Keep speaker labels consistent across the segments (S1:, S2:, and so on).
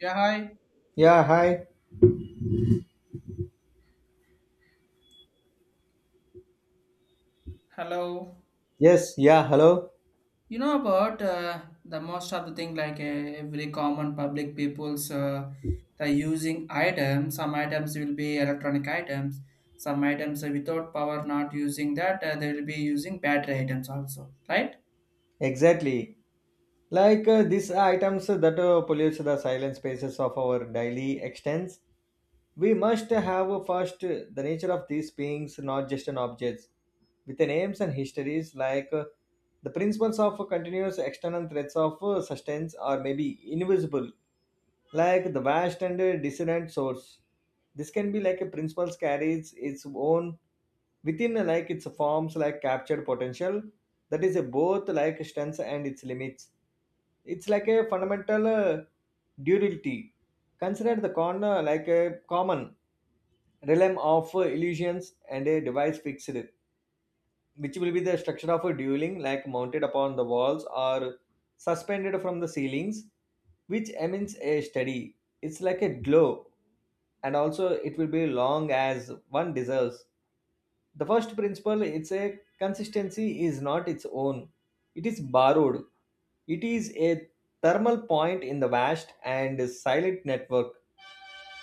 S1: Yeah, hi.
S2: Yeah, hi.
S1: Hello.
S2: Yes, yeah, hello.
S1: You know about the most of the thing like every common public people's the using items. Some items will be electronic items. Some items are without power, not using that. They will be using battery items also, right?
S2: Exactly. Like these items that pollutes the silent spaces of our daily extents, we must have first the nature of these beings, not just an objects, with the names and histories like the principles of continuous external threats of sustenance or maybe invisible, like the vast and dissonant source. This can be like a principle carries its own within like its forms like captured potential that is a both like strengths and its limits. It's like a fundamental duality. Consider the corner like a common realm of illusions and a device fixed, which will be the structure of a dueling like mounted upon the walls or suspended from the ceilings, which emits a study. It's like a glow, and also it will be long as one deserves. The first principle, it's a consistency is not its own, it is borrowed. It is a thermal point in the vast and silent network.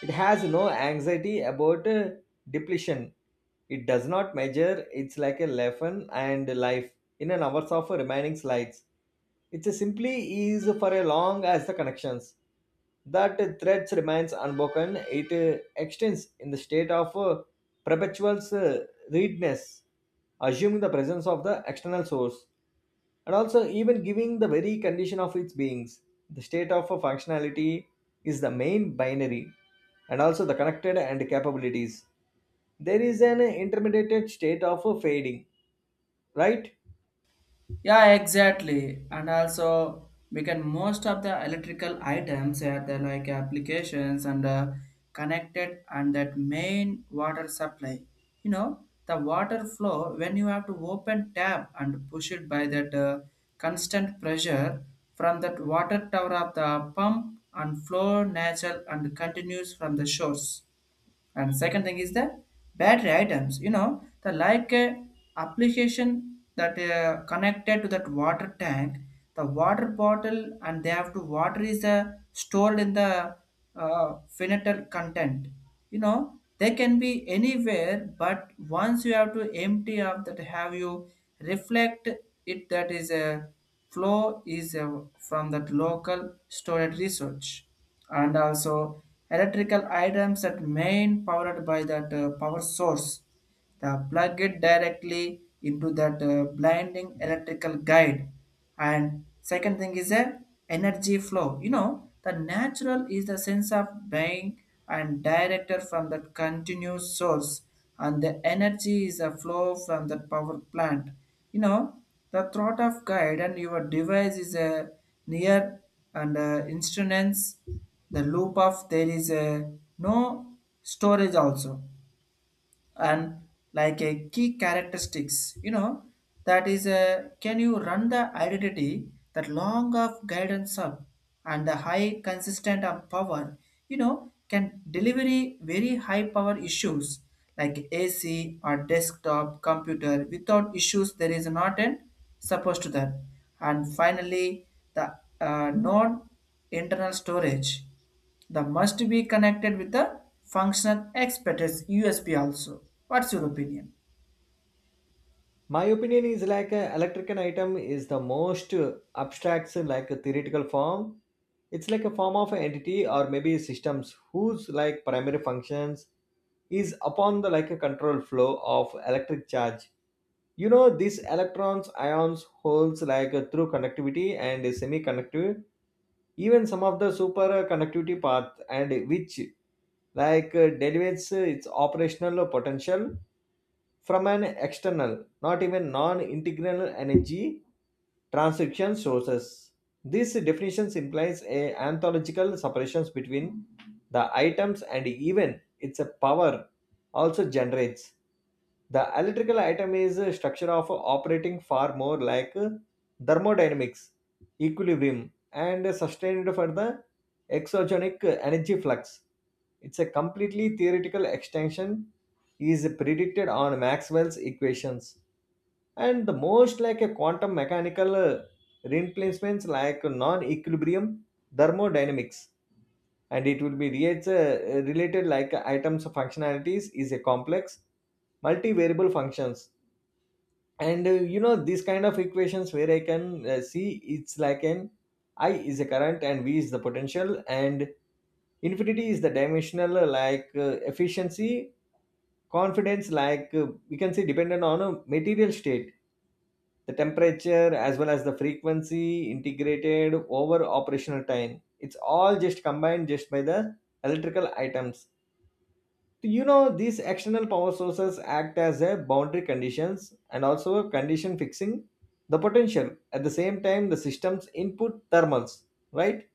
S2: It has no anxiety about depletion. It does not measure it's like a lesson and life in an hours of remaining slides. It's a simply is for a long as the connections. That threads remains unbroken. It extends in the state of perpetual readiness, assuming the presence of the external source, and also even giving the very condition of its beings. The state of a functionality is the main binary, and also the connected and capabilities. There is an intermediate state of a fading, right?
S1: Yeah, exactly. And also, we can most of the electrical items are the like applications and connected and that main water supply. You know, the water flow when you have to open tap and push it by that constant pressure from that water tower of the pump and flow natural and continues from the shores, and second thing is the battery items, you know, the like application that connected to that water tank, the water bottle, and they have to water is stored in the finite content. You know, they can be anywhere, but once you have to empty up that, have you reflect it that is a flow is from that local storage research. And also electrical items that main powered by that power source, the plug it directly into that blinding electrical guide, and second thing is a energy flow, you know, the natural is the sense of being and directed from that continuous source, and the energy is a flow from the power plant, you know, the thought of guide, and your device is a near and instruments, the loop of there is a no storage also, and like a key characteristics, you know, that is a can you run the identity that long of guidance up, and the high consistent of power, you know, can delivery very high power issues like ac or desktop computer without issues, there is not an supposed to that, and finally the non internal storage, the must be connected with the functional x USB also. What's your opinion?
S2: My opinion is like electrical item is the most abstract like a theoretical form. It's like a form of an entity or maybe systems whose like primary functions is upon the like a control flow of electric charge. You know, these electrons, ions, holes like through conductivity and semiconductive, even some of the super conductivity path, and which like delegates its operational potential from an external, not even non-integral energy transcription sources. This definition implies a anthological separations between the items and even its power also generates. The electrical item is a structure of operating far more like thermodynamics, equilibrium, and sustained for the exogenic energy flux. It's a completely theoretical extension is predicted on Maxwell's equations and the most like a quantum mechanical replacements like non-equilibrium thermodynamics, and it will be relates, related like items of functionalities is a complex multivariable functions. And you know, these kind of equations where I can see it's like an I is a current and V is the potential, and infinity is the dimensional like efficiency confidence, like we can say dependent on a material state, the temperature as well as the frequency integrated over operational time. It's all just combined just by the electrical items. So, you know, these external power sources act as a boundary conditions and also a condition fixing the potential at the same time the system's input thermals, right?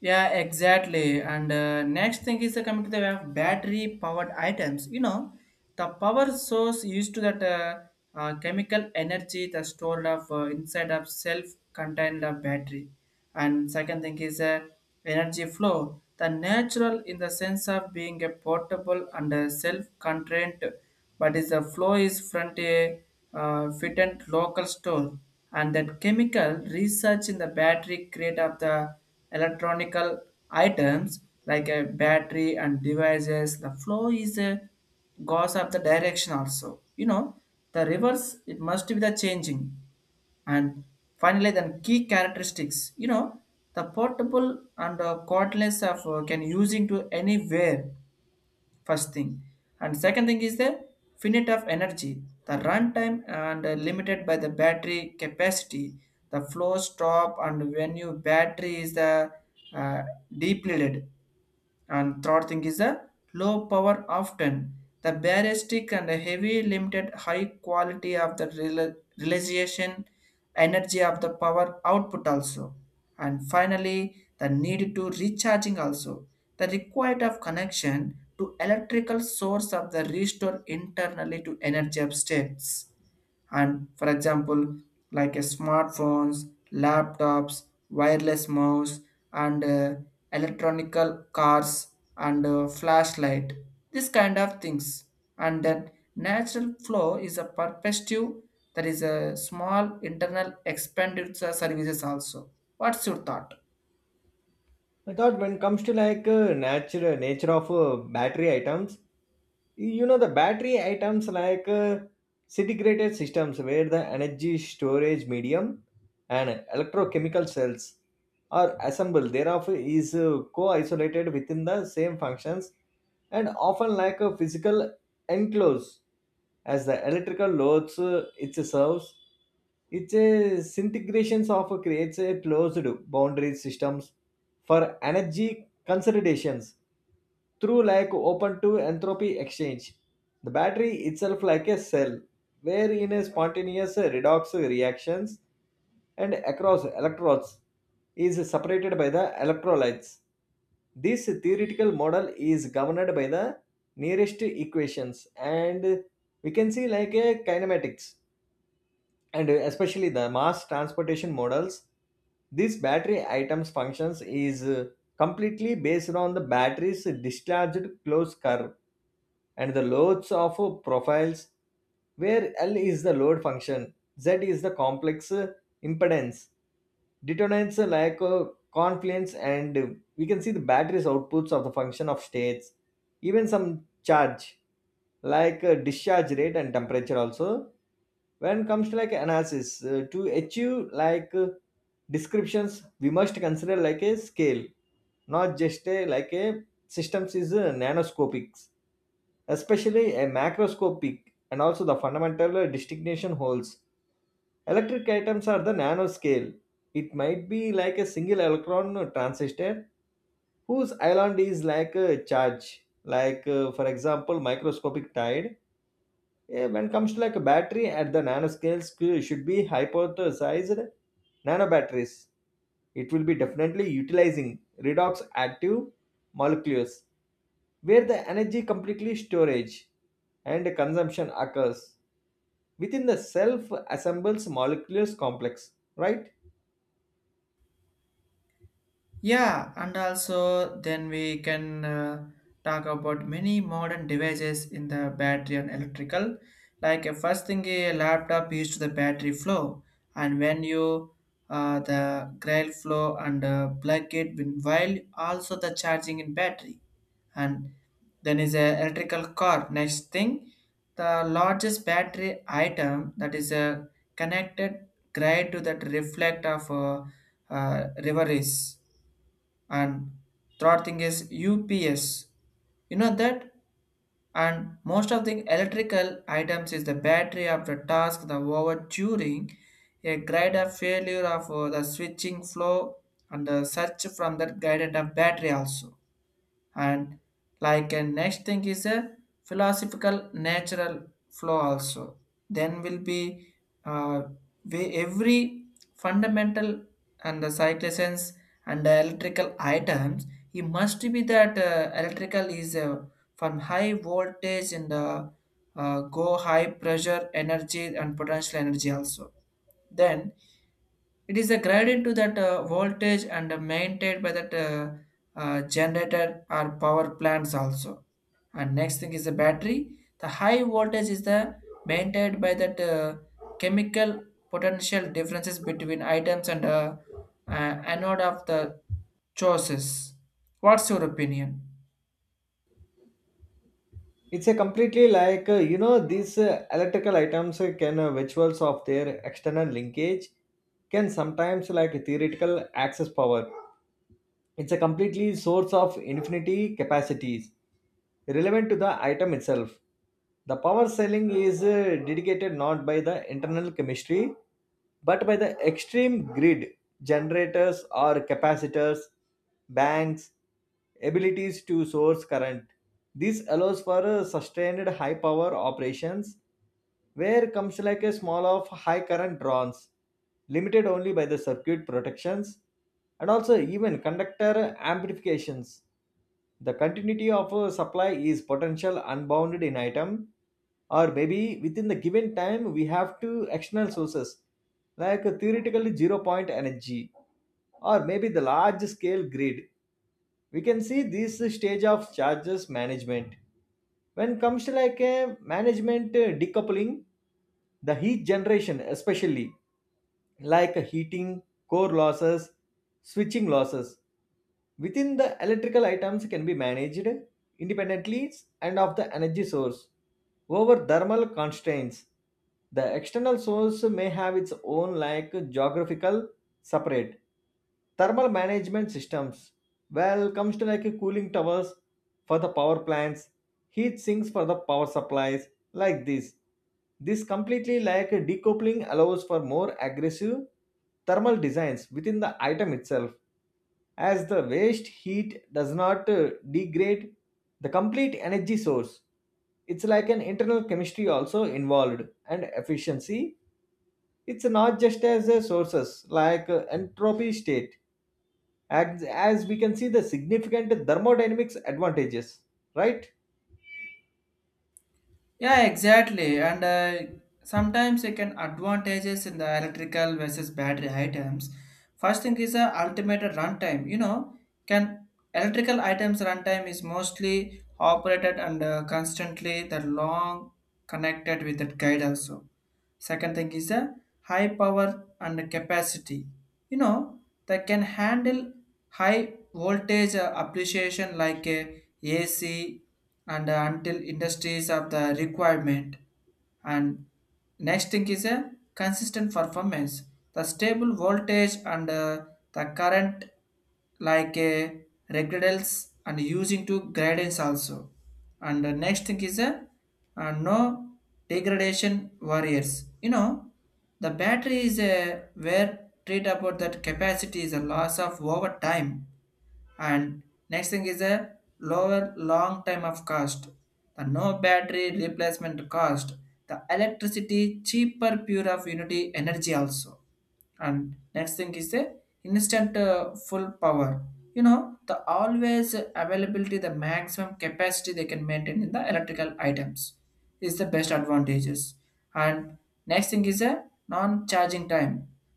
S1: Yeah, exactly. And next thing is coming to the way of battery powered items. You know, the power source used to that chemical energy that's stored of inside of self-contained of battery. And second thing is energy flow. The natural in the sense of being a portable and self-contained, but is the flow is front a fit and local store, and that chemical research in the battery create of the electronical items like a battery, and devices the flow is a goes of the direction also, you know, the reverse it must be the changing. And finally then key characteristics, you know, the portable and cordless of can using to anywhere first thing, and second thing is the finite of energy, the runtime and limited by the battery capacity, the flow stop and when your battery is the uh, depleted, and third thing is the low power often. The baristic and the heavy limited high quality of the realization energy of the power output also. And finally, the need to recharging also. The required of connection to electrical source of the restore internally to energy of states, and for example like a smartphones, laptops, wireless mouse, and electronical cars, and flashlight, this kind of things. And then natural flow is a perspective, that is a small internal expenditure services also. What's your thought?
S2: I thought when it comes to like nature nature of battery items, you know the battery items like disintegrated systems where the energy storage medium and electrochemical cells are assembled thereof is co-isolated within the same functions, and often like a physical enclose as the electrical loads it serves. Its disintegrations of creates a closed boundary systems for energy consolidations through like open to entropy exchange. The battery itself like a cell, where in a spontaneous redox reactions and across electrodes is separated by the electrolytes. This theoretical model is governed by the nearest equations, and we can see like a kinematics and especially the mass transportation models. This battery items functions is completely based on the battery's discharged closed curve and the loads of profiles, where L is the load function, Z is the complex impedance, determinants like confluence, and we can see the batteries outputs of the function of states, even some charge like discharge rate and temperature also. When it comes to like analysis, to achieve like descriptions, we must consider like a scale, not just a like a systems is nanoscopic, especially a macroscopic, and also the fundamental distinction holds. Electric atoms are the nanoscale. It might be like a single electron transistor whose island is like a charge, like for example microscopic tide. When comes to like a battery at the nanoscales should be hypothesized nanobatteries. It will be definitely utilizing redox active molecules where the energy completely storage and consumption occurs within the self assembles molecules complex, right?
S1: Yeah, and also then we can talk about many modern devices in the battery and electrical. Like first thing, a laptop used the battery flow, and when you the grail flow and plug it in while also the charging in battery, and then is a electrical car. Next thing, the largest battery item that is a connected grid to that reflect of river is, and third thing is UPS. You know that? And most of the electrical items is the battery of the task the over during a greater failure of the switching flow and the search from that guided of battery also. And like a next thing is a philosophical natural flow also, then will be uh, we, every fundamental and the citations and the electrical items, it must be that electrical is from high voltage and the go high pressure energy and potential energy also. Then it is a graded to that voltage and maintained by that generator or power plants also. And next thing is the battery. The high voltage is the maintained by that chemical potential differences between items and anode of the choices. What's your opinion?
S2: It's a completely like you know, these electrical items can visuals of their external linkage can sometimes like theoretical access power. It's a completely source of infinity capacities relevant to the item itself. The power selling is dedicated not by the internal chemistry but by the extreme grid, generators or capacitors, banks, abilities to source current. This allows for a sustained high power operations where comes like a small of high current draws, limited only by the circuit protections and also even conductor amplifications. The continuity of a supply is potential unbounded in item, or maybe within the given time we have two external sources like a theoretically zero point energy, or maybe the large scale grid. We can see this stage of charges management. When comes to like a management decoupling, the heat generation, especially like heating, core losses, switching losses. Within the electrical items can be managed independently and of the energy source over thermal constraints. The external source may have its own like geographical separate thermal management systems. Well, comes to like cooling towers for the power plants, heat sinks for the power supplies, like this. This completely like a decoupling allows for more aggressive thermal designs within the item itself, as the waste heat does not degrade the complete energy source. It's like an internal chemistry also involved and efficiency. It's not just as a sources like entropy state, as we can see the significant thermodynamics advantages, right?
S1: Yeah, exactly. And sometimes you can advantages in the electrical versus battery items. First thing is the ultimate runtime. You know, can electrical items runtime is mostly operated and constantly the long connected with that guide also. Second thing is the high power and capacity. You know, they can handle high voltage appreciation like a AC and until industries of the requirement. And next thing is a consistent performance. The stable voltage and the current like a regradals and using to gradients also. And the next thing is a no degradation warriors, you know, the battery is a where treat about that capacity is a loss of over time. And next thing is a lower long time of cost, the no battery replacement cost, the electricity cheaper pure of unity energy also. And next thing is the instant full power, you know, the always availability the maximum capacity they can maintain in the electrical items is the best advantages. And next thing is a non charging time,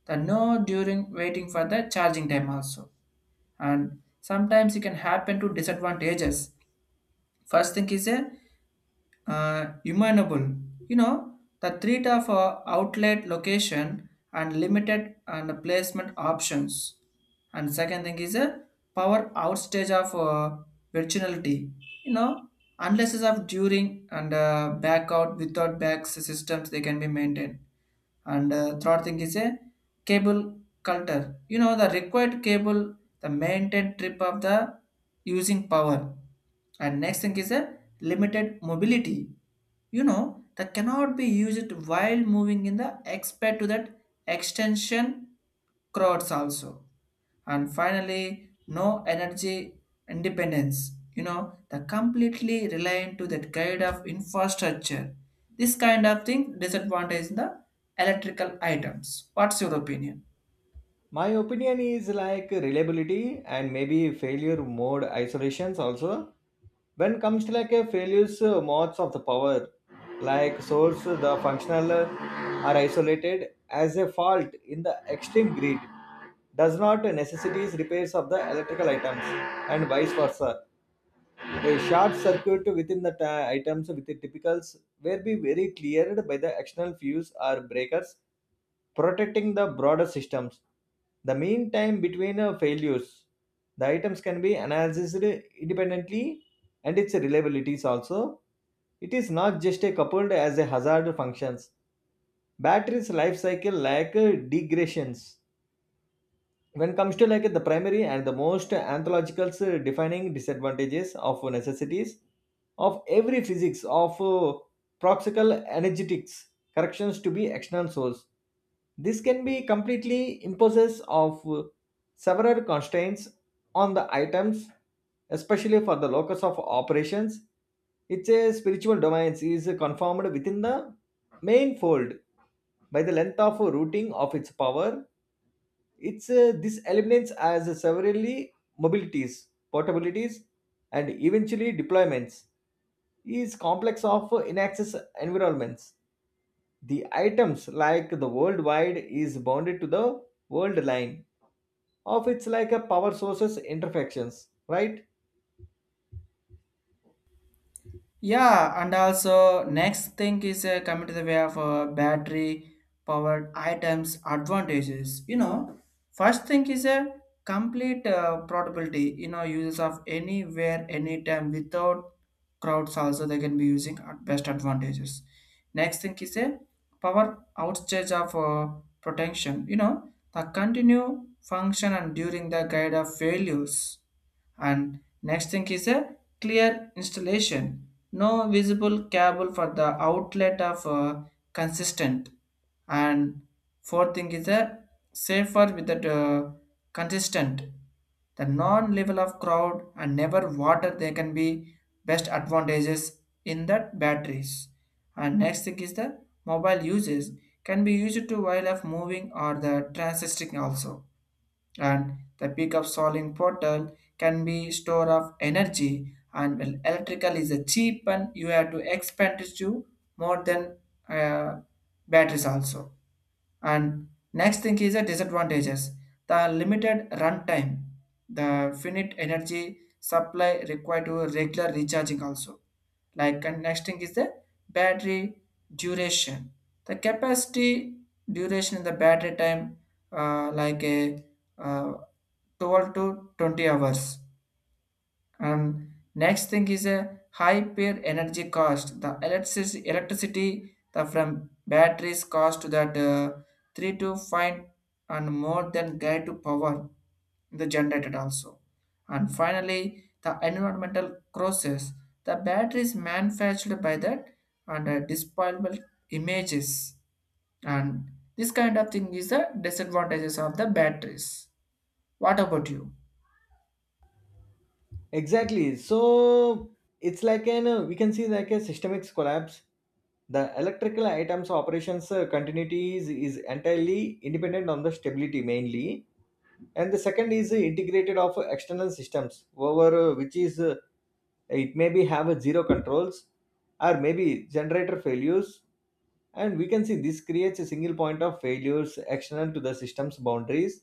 S1: the no during waiting for the charging time also. And sometimes it can happen to disadvantages. First thing is a imaginable. You know, the threat of outlet location and limited and placement options. And second thing is a power outstage of virginality. You know, unless it's of during and back out without back systems they can be maintained. And third thing is a cable culture. You know, the required cable, the maintained trip of the using power. And next thing is a limited mobility, you know, that cannot be used while moving in the expect to that extension crowds also. And finally no energy independence, you know, the completely reliant to that kind of infrastructure, this kind of thing disadvantage the electrical items. What's your opinion?
S2: My opinion is like reliability and maybe failure mode isolations also. When comes to like a failures modes of the power, like source, the functional are isolated as a fault in the extreme grid does not necessities repairs of the electrical items and vice versa. A short circuit within the items with the typicals will be very cleared by the external fuse or breakers protecting the broader systems. The mean time between failures, the items can be analyzed independently and its reliabilities also. It is not just a coupled as a hazard functions. Batteries life cycle lack degradations when it comes to like the primary and the most anthological defining disadvantages of necessities of every physics of proxical energetics corrections to be external source. This can be completely imposes of several constraints on the items, especially for the locus of operations. It's a spiritual domains is conformed within the main fold by the length of routing of its power. It's This eliminates as severely mobilities, portabilities, and eventually deployments is complex of inaccess environments. The items like the worldwide is bounded to the world line of its like a power sources interfections, right?
S1: Yeah, and also next thing is coming to the way of battery powered items advantages. You know, first thing is a complete portability. You know, uses of anywhere, anytime without crowds also, they can be using at best advantages. Next thing is a power outage of protection. You know, the continue function and during the guide of failures. And next thing is a clear installation. No visible cable for the outlet of consistent. And fourth thing is a safer with the consistent. The non-level of crowd and never water, they can be best advantages in that batteries. And next thing is the mobile uses, can be used to while of moving or the transiting also, and the peak of solving portal can be store of energy, and well, electrical is a cheap and you have to expand it to more than uh, batteries also. And next thing is the disadvantages. The limited runtime, the finite energy supply required to regular recharging also. Like, and next thing is the battery duration. The capacity duration in the battery time like a uh, 12 to 20 hours. And next thing is a high peer energy cost. The electricity the from batteries cost to that three to five and more than guide to power the generated also. And finally, the environmental crosses. The batteries manufactured by that, and disposable images, and this kind of thing is the disadvantages of the batteries. What about you?
S2: Exactly. So it's like an we can see like a systemic collapse. The electrical items operations continuity is entirely independent on the stability mainly, and the second is integrated of external systems over which is it may be have a zero controls or maybe generator failures. And we can see this creates a single point of failures external to the system's boundaries.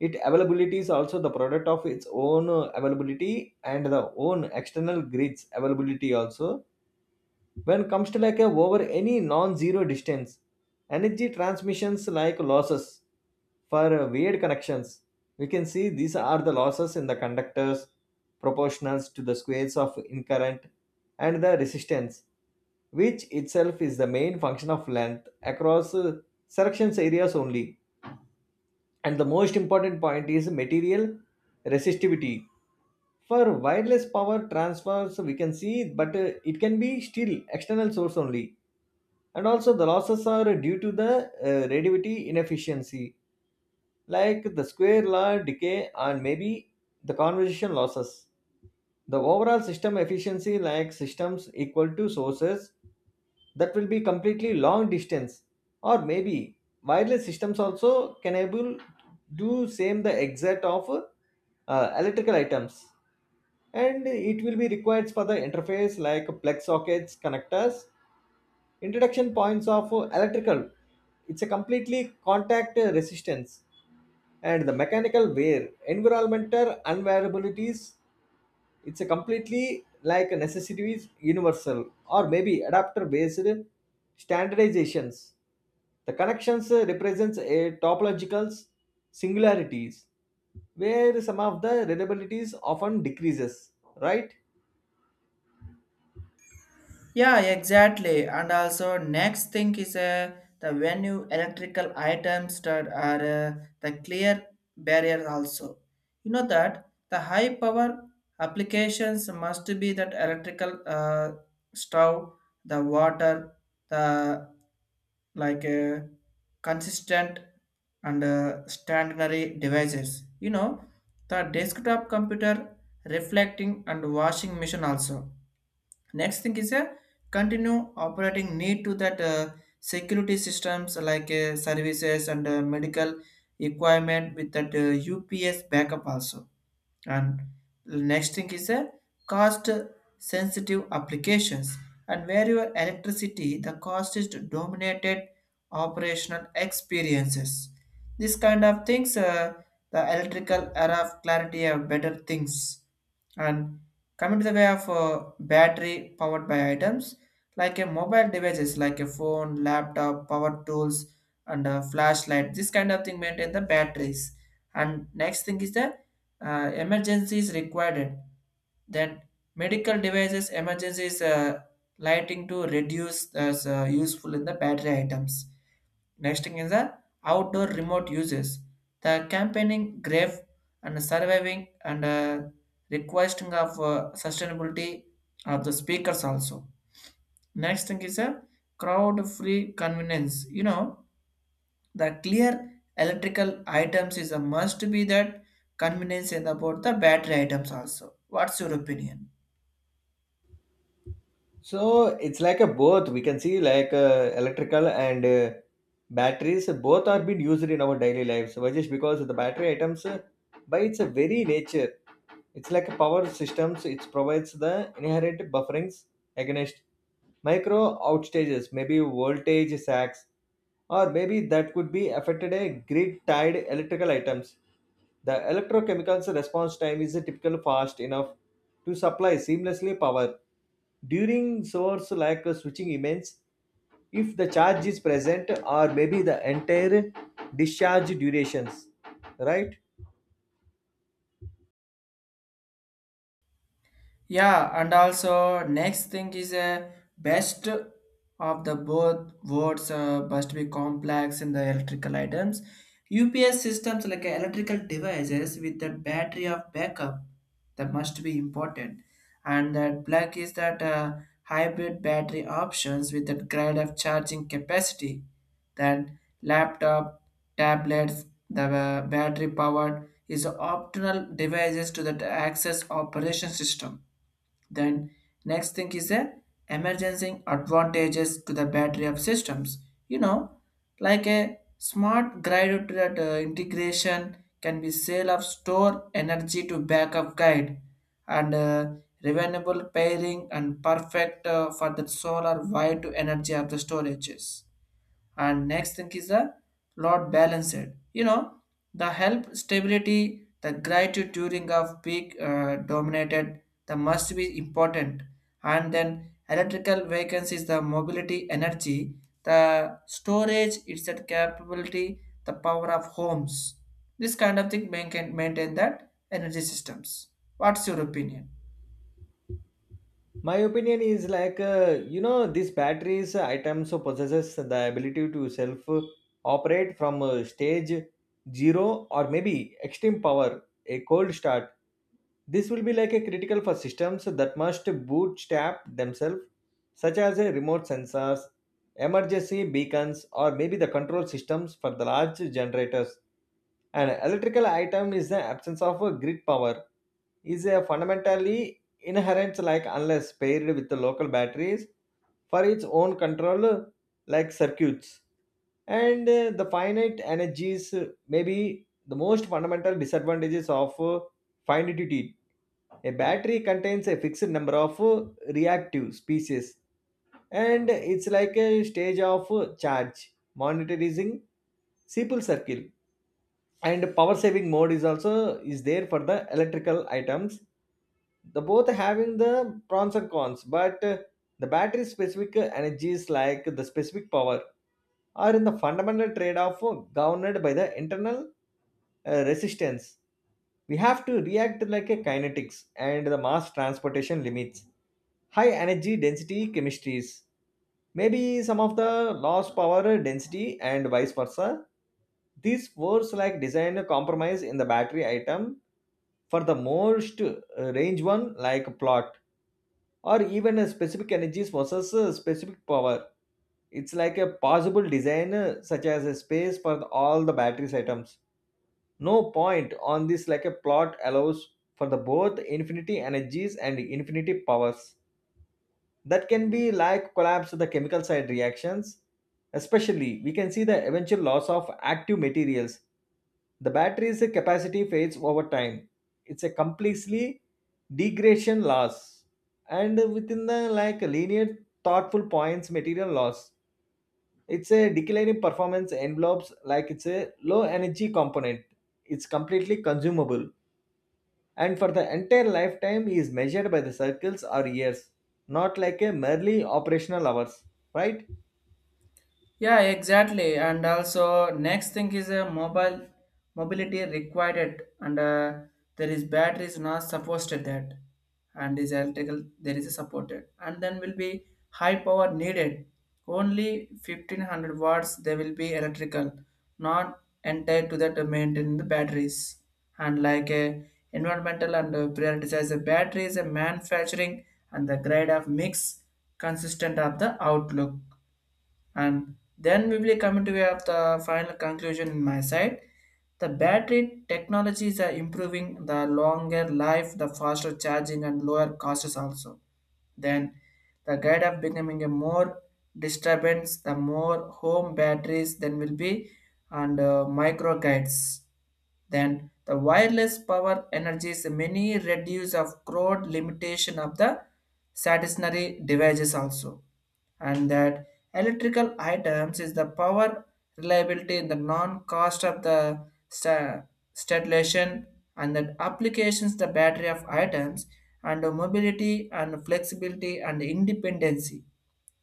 S2: It availability is also the product of its own availability and the own external grids availability also. When comes to like a over any non-zero distance energy transmissions like losses for weird connections, we can see these are the losses in the conductors, proportionals to the squares of in current and the resistance, which itself is the main function of length across sections areas only, and the most important point is material resistivity. For wireless power transfers, we can see but it can be still external source only, and also the losses are due to the radioactivity inefficiency like the square law decay, and maybe the conversation losses. The overall system efficiency like systems equal to sources, that will be completely long distance or maybe wireless systems also can able do same the exact of electrical items, and it will be required for the interface like plug sockets connectors introduction points of electrical. It's a completely contact resistance and the mechanical wear, environmental unvariabilities. It's a completely like a necessities universal or maybe adapter based standardizations. The connections represents a topological singularities where some of the reliabilities often decreases, right?
S1: Yeah, exactly. And also, next thing is the venue electrical items that are the clear barrier also. You know that the high power applications must be that electrical stove, the water, the like consistent and stationary devices. You know, the desktop computer, reflecting and washing machine also. Next thing is a continue operating need to that security systems like services and medical equipment with that ups backup also. And the next thing is a cost sensitive applications and where your electricity the cost is dominated operational experiences. This kind of things, the electrical era of clarity have better things. And coming to the way of battery powered by items like a mobile devices like a phone, laptop, power tools, and a flashlight. This kind of thing maintain the batteries. And next thing is the emergency is required, then medical devices emergency is lighting to reduce as useful in the battery items. Next thing is the outdoor remote uses, the campaigning grave and surviving and requesting of sustainability of the speakers also. Next thing is a crowd free convenience, you know, the clear electrical items is a must be that convenience and about the battery items also. What's your opinion?
S2: So it's like a both. We can see like electrical and batteries. Both are being used in our daily lives. Why? Just because the battery items, by its very nature, it's like a power systems. It provides the inherent bufferings against micro outages, maybe voltage sacks, or maybe that could be affected a grid tied electrical items. The electrochemical's response time is typically fast enough to supply seamlessly power during source like switching events if the charge is present or maybe the entire discharge durations, right?
S1: Yeah, and also next thing is a best of the both words must be complex in the electrical items. UPS systems like electrical devices with the battery of backup, that must be important, and that black is that hybrid battery options with that grade of charging capacity. Then laptop, tablets, the battery powered is optional devices to that access operation system. Then next thing is a emerging advantages to the battery of systems. You know, like a smart grid integration can be sale of store energy to backup guide and renewable pairing and perfect for the solar wide to energy of the storages. And next thing is the lot balanced, you know, the help stability the gratitude during of peak dominated the must be important. And then electrical vacancies the mobility energy, the storage it's that capability the power of homes, this kind of thing can maintain that energy systems. What's your opinion?
S2: My opinion is like these batteries items so possesses the ability to self operate from stage zero or maybe extreme power, a cold start. This will be like a critical for systems that must bootstrap themselves, such as a remote sensors, emergency beacons, or maybe the control systems for the large generators. An electrical item is the absence of a grid power is a fundamentally inherent like unless paired with the local batteries for its own control like circuits. And the finite energies may be the most fundamental disadvantages of finitude. A battery contains a fixed number of reactive species, and it's like a stage of charge monitoring, simple circle, and power saving mode is also is there for the electrical items. The both having the pros and cons, but the battery specific energies like the specific power are in the fundamental trade-off governed by the internal resistance. We have to react like a kinetics and the mass transportation limits. High energy density chemistries, maybe some of the lost power density and vice versa. These words like design a compromise in the battery item for the most range one like plot, or even a specific energies versus a specific power. It's like a possible design such as a space for all the batteries items. No point on this like a plot allows for the both infinity energies and infinity powers that can be like collapse of the chemical side reactions, especially we can see the eventual loss of active materials. The battery's capacity fades over time. It's a completely degradation loss, and within the like linear thoughtful points material loss, it's a declining performance envelopes, like it's a low energy component, it's completely consumable, and for the entire lifetime is measured by the circles or years, not like a merely operational hours. Right?
S1: Yeah, exactly. And also, next thing is a mobile mobility required, it, and there is batteries not supposed to that, and is electrical there is a supported, and then will be high power needed. Only 1,500 watts there will be electrical, not entire to that to maintain the batteries. And like a environmental and prioritize the batteries, a manufacturing and the grade of mix consistent of the outlook. And then we will come to have the final conclusion in my side, the battery technologies are improving, the longer life, the faster charging and lower costs also. Then the guide of becoming a more disturbance, the more home batteries then will be, and micro guides, then the wireless power energies many reduce of crowd limitation of the stationary devices also. And that electrical items is the power reliability in the non-cost of the stimulation and that applications the battery of items, and the mobility and flexibility and independency,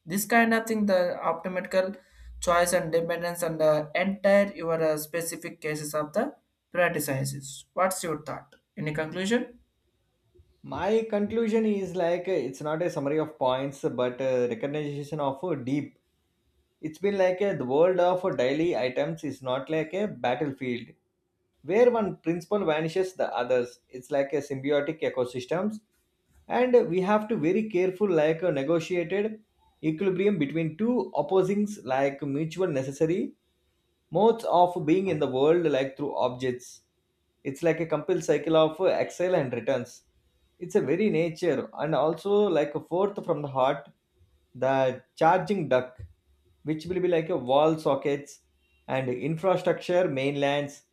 S1: this kind of thing the optimal choice and dependence on the entire your specific cases of the prioritizes. What's your thought, any conclusion?
S2: My conclusion is like it's not a summary of points, but a recognition of deep. It's been like the world of daily items is not like a battlefield where one principle vanishes the others. It's like a symbiotic ecosystems, and we have to very careful like a negotiated equilibrium between two opposings like mutual necessary modes of being in the world like through objects. It's like a complete cycle of exile and returns. It's a very nature and also like a fourth from the heart, the charging duck, which will be like a wall sockets and infrastructure mainlands,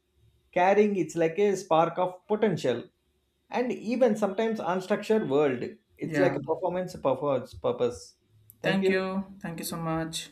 S2: carrying it's like a spark of potential and even sometimes unstructured world. It's like
S1: Yeah,
S2: a performance purpose. Thank
S1: thank
S2: you.
S1: you, thank you so much.